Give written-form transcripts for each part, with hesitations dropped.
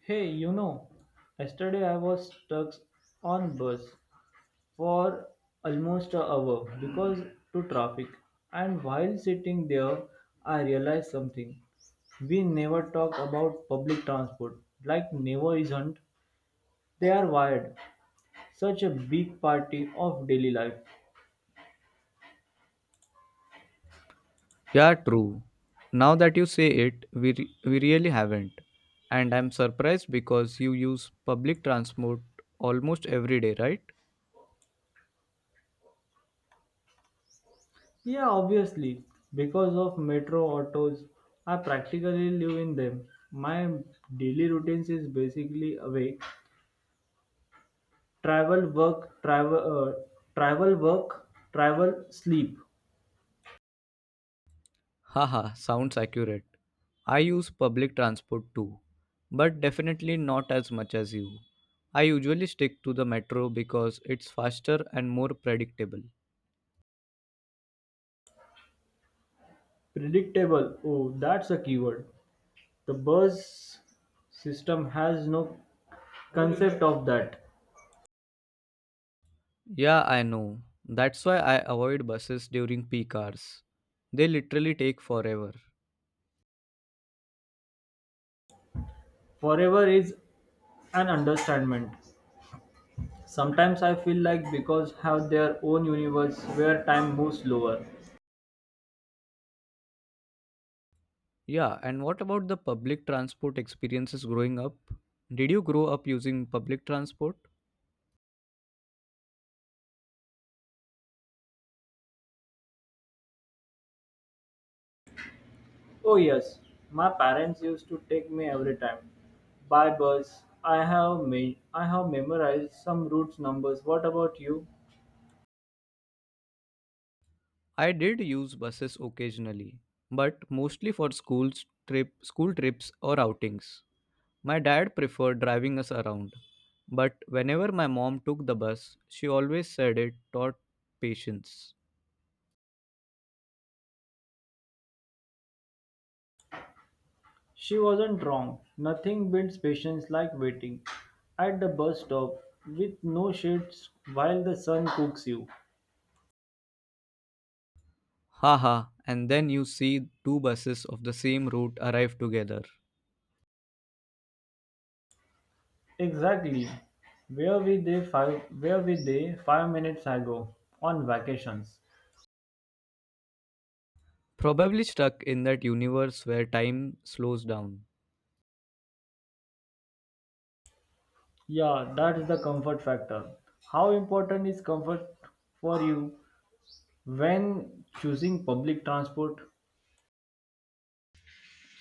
Hey, yesterday I was stuck on bus for almost an hour because to traffic. And while sitting there, I realized something. We never talk about public transport. Like never isn't. They are wired. Such a big party of daily life. Yeah, true. Now that you say it, we really haven't. And I'm surprised because you use public transport almost every day, right? Yeah, obviously. Because of metro autos, I practically live in them. My daily routines is basically awake travel, work, travel, travel, work, travel, sleep. Haha, sounds accurate. I use public transport too, but definitely not as much as you. I usually stick to the metro because it's faster and more predictable. Predictable. Oh, that's a keyword. The bus system has no concept of that. Yeah, I know. That's why I avoid buses during peak hours. They literally take forever. Forever is an understatement. Sometimes I feel like because have their own universe where time moves slower. Yeah, and what about the public transport experiences growing up? Did you grow up using public transport? Oh yes, my parents used to take me every time. By bus, I have memorized some routes numbers. What about you? I did use buses occasionally, but mostly for school trips or outings. My dad preferred driving us around, but whenever my mom took the bus, she always said it taught patience. She wasn't wrong. Nothing builds patience like waiting at the bus stop with no shades while the sun cooks you. Haha, and then you see two buses of the same route arrive together. Exactly. Where were they 5 minutes ago on vacations? Probably stuck in that universe where time slows down. Yeah, that is the comfort factor. How important is comfort for you when choosing public transport?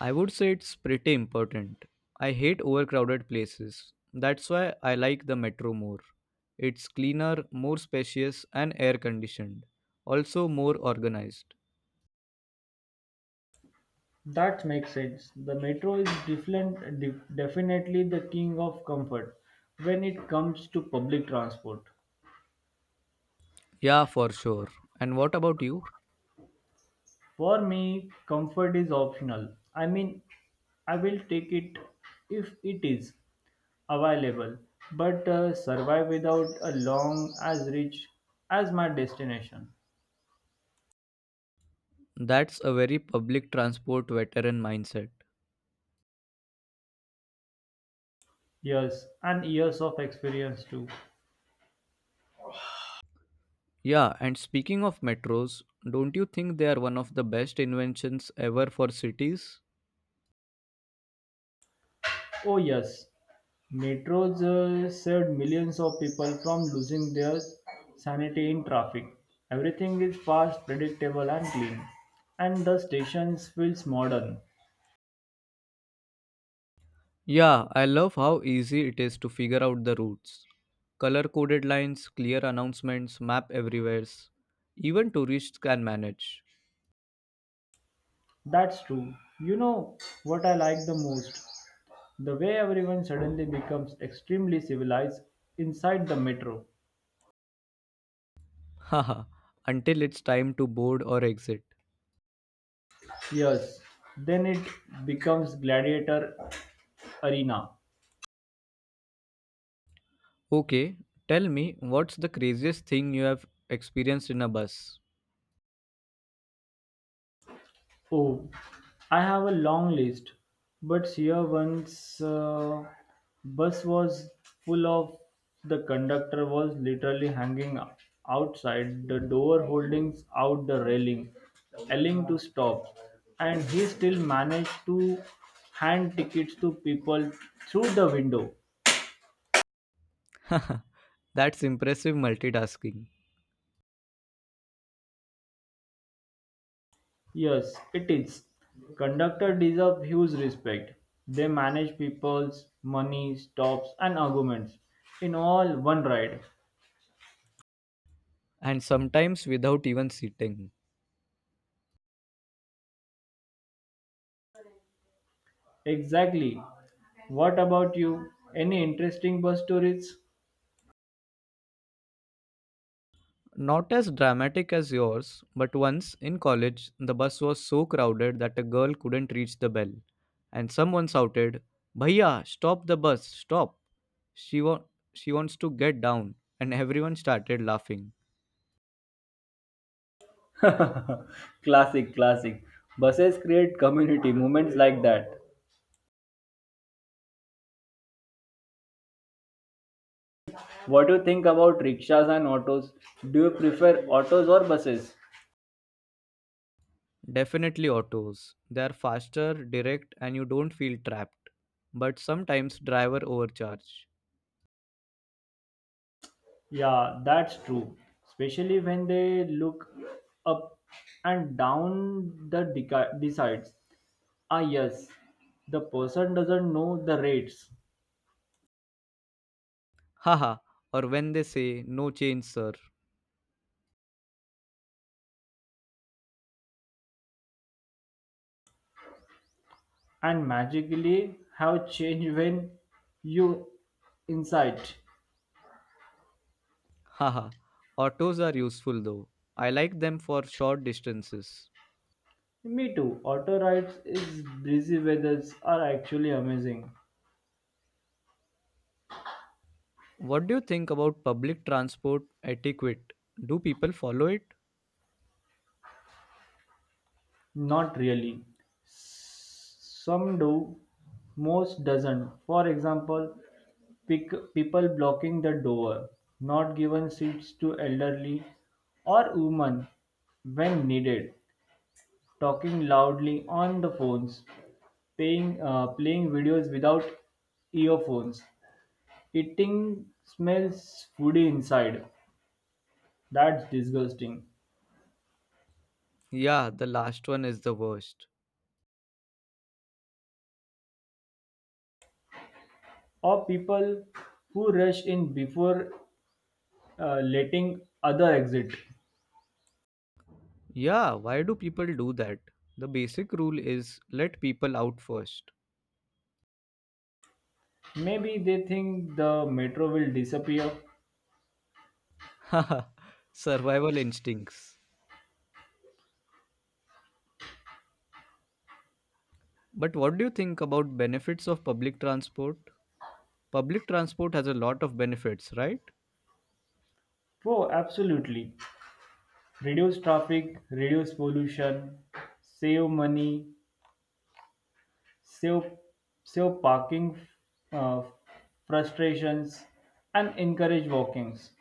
I would say it's pretty important. I hate overcrowded places. That's why I like the metro more. It's cleaner, more spacious, and air conditioned. Also, more organized. That makes sense. The metro is different, definitely the king of comfort when it comes to public transport. Yeah, for sure. And what about you? For me, comfort is optional. I mean, I will take it if it is available, but survive without a long as rich as my destination. That's a very public transport veteran mindset. Yes, and years of experience too. Yeah, and speaking of metros, don't you think they are one of the best inventions ever for cities? Oh, yes, metros saved millions of people from losing their sanity in traffic. Everything is fast, predictable, and clean, and the stations feels modern. Yeah, I love how easy it is to figure out the routes. Color coded lines, clear announcements, map everywhere. Even tourists can manage. That's true. You know what I like the most? The way everyone suddenly becomes extremely civilized inside the metro. Haha, until it's time to board or exit. Yes, then it becomes gladiator arena. Okay, tell me, what's the craziest thing you have experienced in a bus? Oh, I have a long list, but here once bus was full of the conductor was literally hanging outside the door holding out the railing, yelling to stop, and he still managed to hand tickets to people through the window. Haha, that's impressive multitasking. Yes, it is. Conductor deserve huge respect. They manage people's money, stops, and arguments in all one ride. And sometimes without even sitting. Exactly. What about you? Any interesting bus stories? Not as dramatic as yours, but once in college, the bus was so crowded that a girl couldn't reach the bell, and someone shouted, Bhaiya, stop the bus, stop. She, wa- she wants to get down, and everyone started laughing. Classic, classic. Buses create community moments like that. What do you think about rickshaws and autos? Do you prefer autos or buses? Definitely autos. They are faster, direct, and you don't feel trapped. But sometimes driver overcharge. Yeah, that's true. Especially when they look up and down the decides. Ah, yes, the person doesn't know the rates Haha, or when they say, No change, sir. and magically have changed when you insight. Haha, autos are useful though. I like them for short distances. Me too. Auto rides is breezy weathers are actually amazing. What do you think about public transport etiquette? Do people follow it? Not really. Some do, most doesn't. For example, people blocking the door, not given seats to elderly or women when needed, talking loudly on the phones, playing videos without earphones, eating smells foody inside. That's disgusting. Yeah, the last one is the worst. Or people who rush in before letting other exit. Yeah, why do people do that? The basic rule is let people out first. Maybe they think the metro will disappear. Haha, survival instincts. But what do you think about benefits of public transport? Public transport has a lot of benefits, right? Oh, absolutely. Reduce traffic, reduce pollution, save money, save, save parking uh, frustrations, and encourage walkings.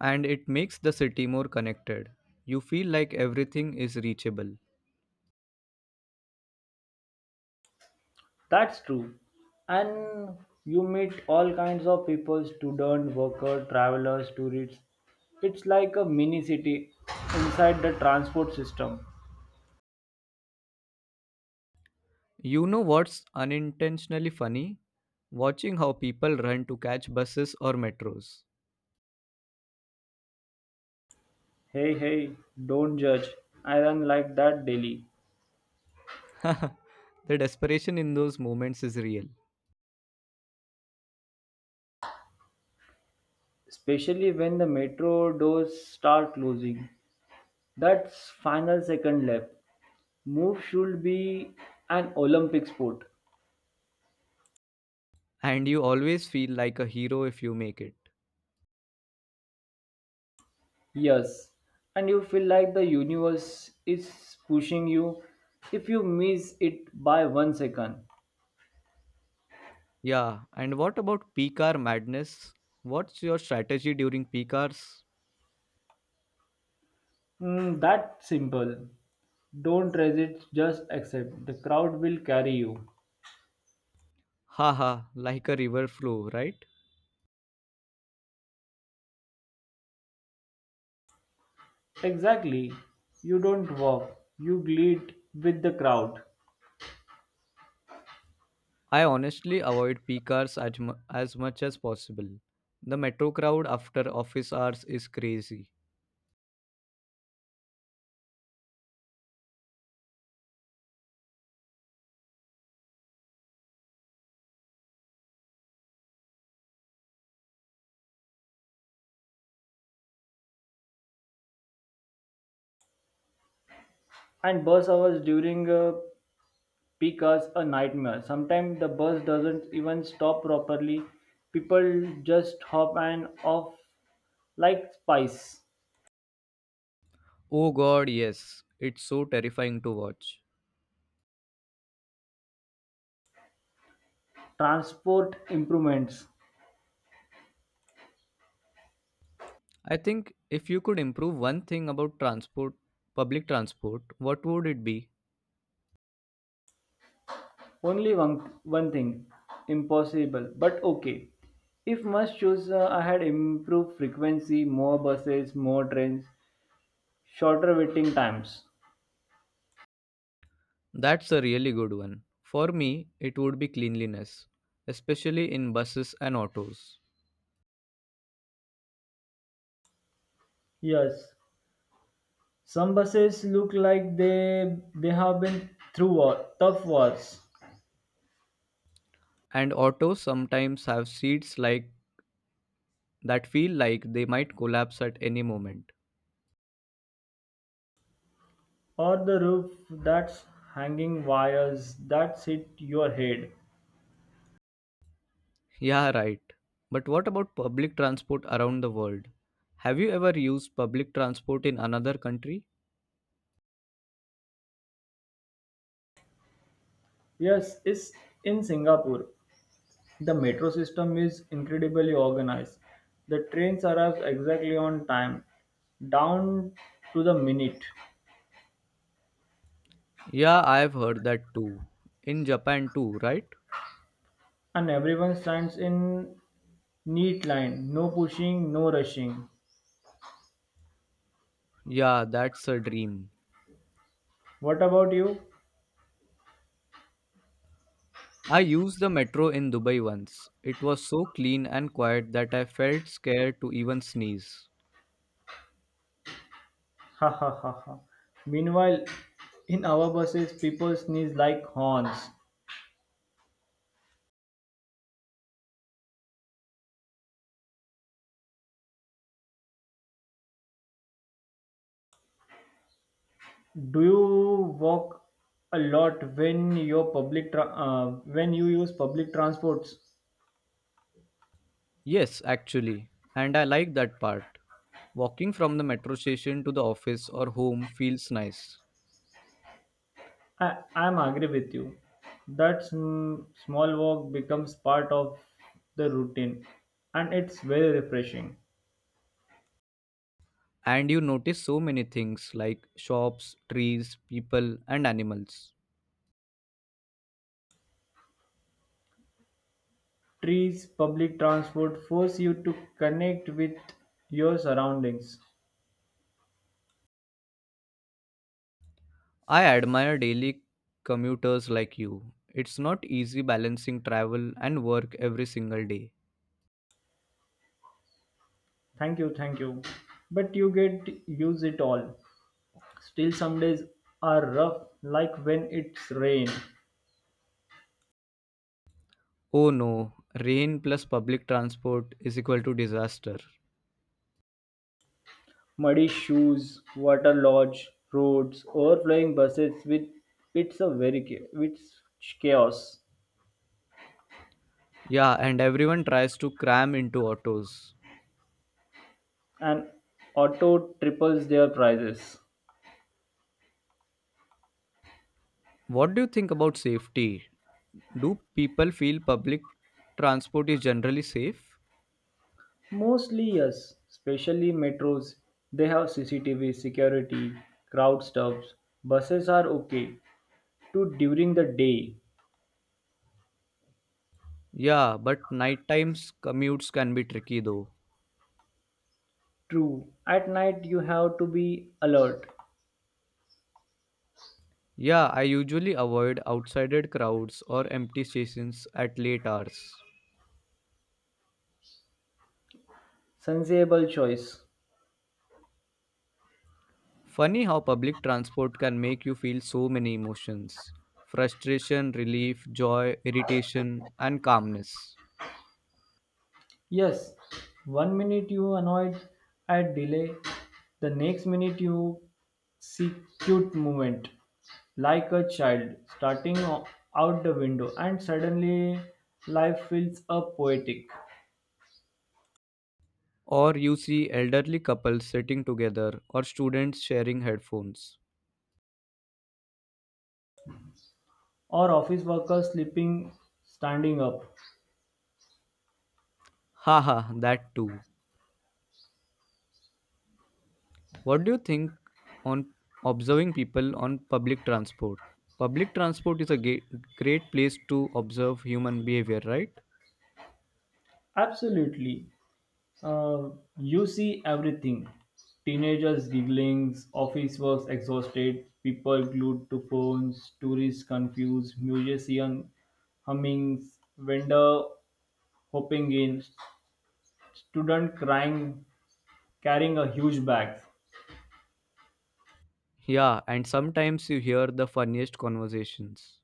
And it makes the city more connected. You feel like everything is reachable. That's true. And you meet all kinds of people student, worker, travelers, tourists. It's like a mini city inside the transport system. You know what's unintentionally funny? Watching how people run to catch buses or metros. Hey, hey, don't judge. I run like that daily, The desperation in those moments is real. especially when the metro doors start closing. That's final second left. Move should be an Olympic sport. And you always feel like a hero if you make it. Yes. And you feel like the universe is pushing you if you miss it by one second. Yeah, and what about peak hour madness? What's your strategy during peak hours? That simple. Don't resist, just accept. The crowd will carry you. Haha, like a river flow, right? Exactly. You don't walk, you bleed with the crowd. I honestly avoid peak hours as, as much as possible. The metro crowd after office hours is crazy. And bus hours during a peak hours a nightmare. Sometimes the bus doesn't even stop properly. People just hop and off like spice. Oh god, yes. It's so terrifying to watch. Transport improvements. I think if you could improve one thing about transport, public transport, what would it be? Only one thing impossible, but okay. If must choose, I had improved frequency, more buses, more trains, shorter waiting times. That's a really good one. For me, it would be cleanliness, especially in buses and autos. Yes, some buses look like they have been through war, tough wars. And autos sometimes have seats like that feel like they might collapse at any moment. Or the roof that's hanging wires that hit your head. Yeah, right. But what about public transport around the world? Have you ever used public transport in another country? Yes, it's in Singapore. The metro system is incredibly organized. The trains arrive exactly on time, down to the minute, Yeah, I've heard that too. In Japan too, right? and everyone stands in neat line. No pushing, no rushing. Yeah, that's a dream. What about you? I used the metro in Dubai once. It was so clean and quiet that I felt scared to even sneeze. Ha ha ha ha. Meanwhile, in our buses, people sneeze like horns. Do you walk a lot when when you use public transports? Yes, actually. And I like that part. Walking from the metro station to the office or home feels nice. I'm agree with you. That small walk becomes part of the routine, and it's very refreshing. And you notice so many things like shops, trees, people, and animals. Trees, public transport force you to connect with your surroundings. I admire daily commuters like you. It's not easy balancing travel and work every single day. Thank you, thank you. But you get use it all. Still, some days are rough, like when it's rain Oh no, rain plus public transport is equal to disaster. muddy shoes, water lodge, roads, overflowing buses with it's chaos. Yeah, and everyone tries to cram into autos. And auto triples their prices. What do you think about safety? Do people feel public transport is generally safe? Mostly yes, especially metros. They have CCTV security, crowd stops. Buses are okay to during the day. Yeah, but night times commutes can be tricky though. True, at night you have to be alert. Yeah, I usually avoid outside crowds or empty stations at late hours. Sensible choice. Funny how public transport can make you feel so many emotions: frustration, relief, joy, irritation, and calmness. Yes, one minute you annoyed at delay, the next minute you see cute movement like a child starting out the window, and suddenly life feels up poetic. Or you see elderly couples sitting together or students sharing headphones. Or office workers sleeping standing up. Haha, that too. What do you think on observing people on public transport? Public transport is a great place to observe human behavior, right? Absolutely, Uh, you see everything teenagers giggling, office works exhausted, people glued to phones, tourists confused, musician humming, vendor hopping in, student crying, carrying a huge bag. Yeah, and sometimes you hear the funniest conversations.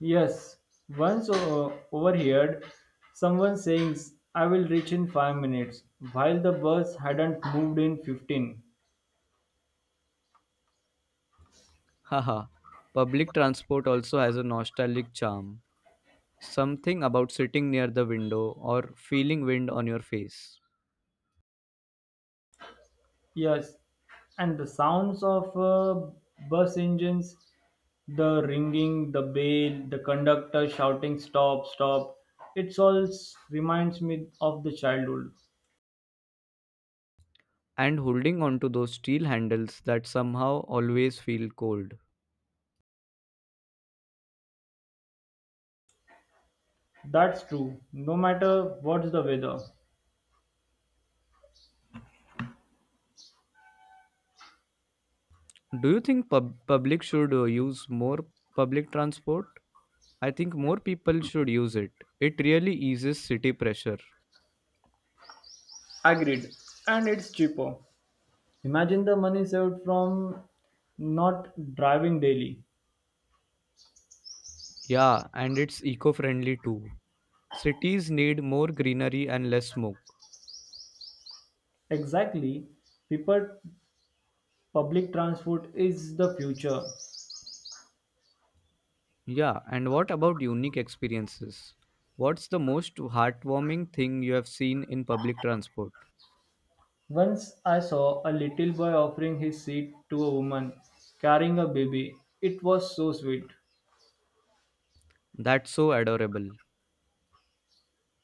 Yes, once overheard someone saying, I will reach in 5 minutes, while the bus hadn't moved in 15. Haha, public transport also has a nostalgic charm. Something about sitting near the window or feeling wind on your face, Yes, and the sounds of bus engines, the ringing, the bell, the conductor shouting stop, stop. It all reminds me of the childhood. and holding onto those steel handles that somehow always feel cold. That's true. No matter what's the weather. Do you think public should use more public transport? I think more people should use it. It really eases city pressure. Agreed. And it's cheaper. Imagine the money saved from not driving daily. Yeah, and it's eco friendly too. Cities need more greenery and less smoke. Exactly. People public transport is the future. Yeah, and what about unique experiences? What's the most heartwarming thing you have seen in public transport? Once I saw a little boy offering his seat to a woman carrying a baby. It was so sweet. That's so adorable.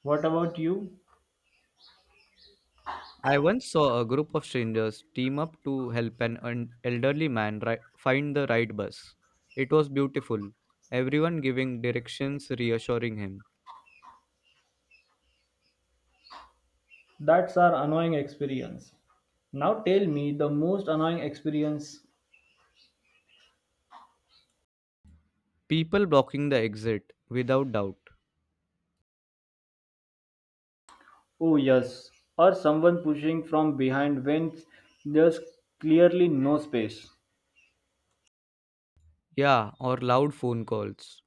What about you? I once saw a group of strangers team up to help an elderly man find the right bus. It was beautiful, everyone giving directions, reassuring him. That's our annoying experience. Now tell me the most annoying experience. People blocking the exit, without doubt. Oh, yes. Or someone pushing from behind when there's clearly no space. Yeah, or loud phone calls.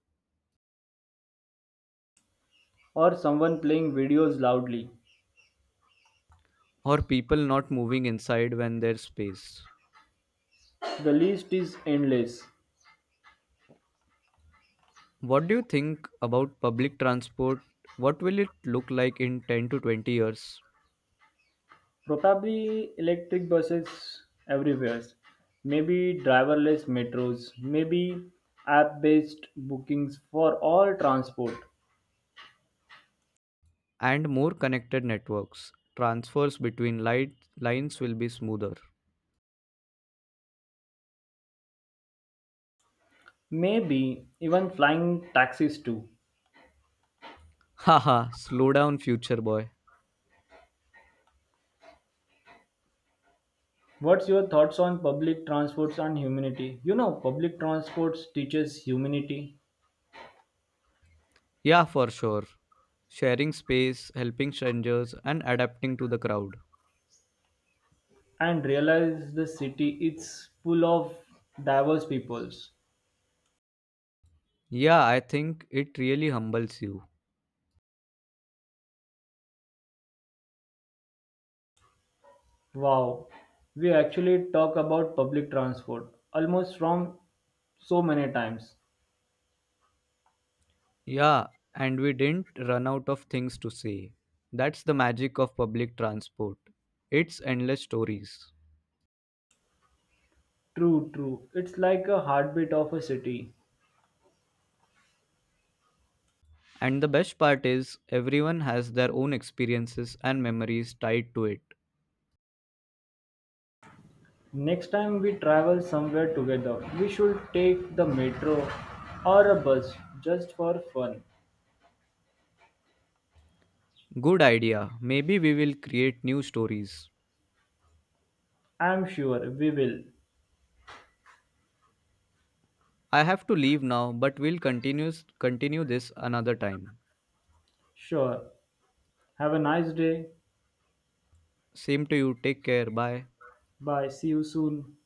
Or someone playing videos loudly. Or people not moving inside when there's space. The list is endless. What do you think about public transport? What will it look like in 10 to 20 years? Probably electric buses everywhere. Maybe driverless metros. Maybe app based bookings for all transport. And more connected networks. Transfers between light lines will be smoother. Maybe even flying taxis too. Haha, slow down, future boy. What's your thoughts on public transports and humanity? Public transports teaches humanity Yeah, for sure. Sharing space, helping strangers, and adapting to the crowd. and realize the city it's full of diverse peoples. Yeah, I think it really humbles you. Wow, we actually talk about public transport almost from so many times Yeah, and we didn't run out of things to say. That's the magic of public transport. It's endless stories. True, true. It's like a heartbeat of a city. And the best part is, everyone has their own experiences and memories tied to it. Next time we travel somewhere together, we should take the metro or a bus just for fun. Good idea. Maybe we will create new stories. I'm sure we will. I have to leave now, but we'll continue this another time. Sure. Have a nice day. Same to you. Take care. Bye. Bye. See you soon.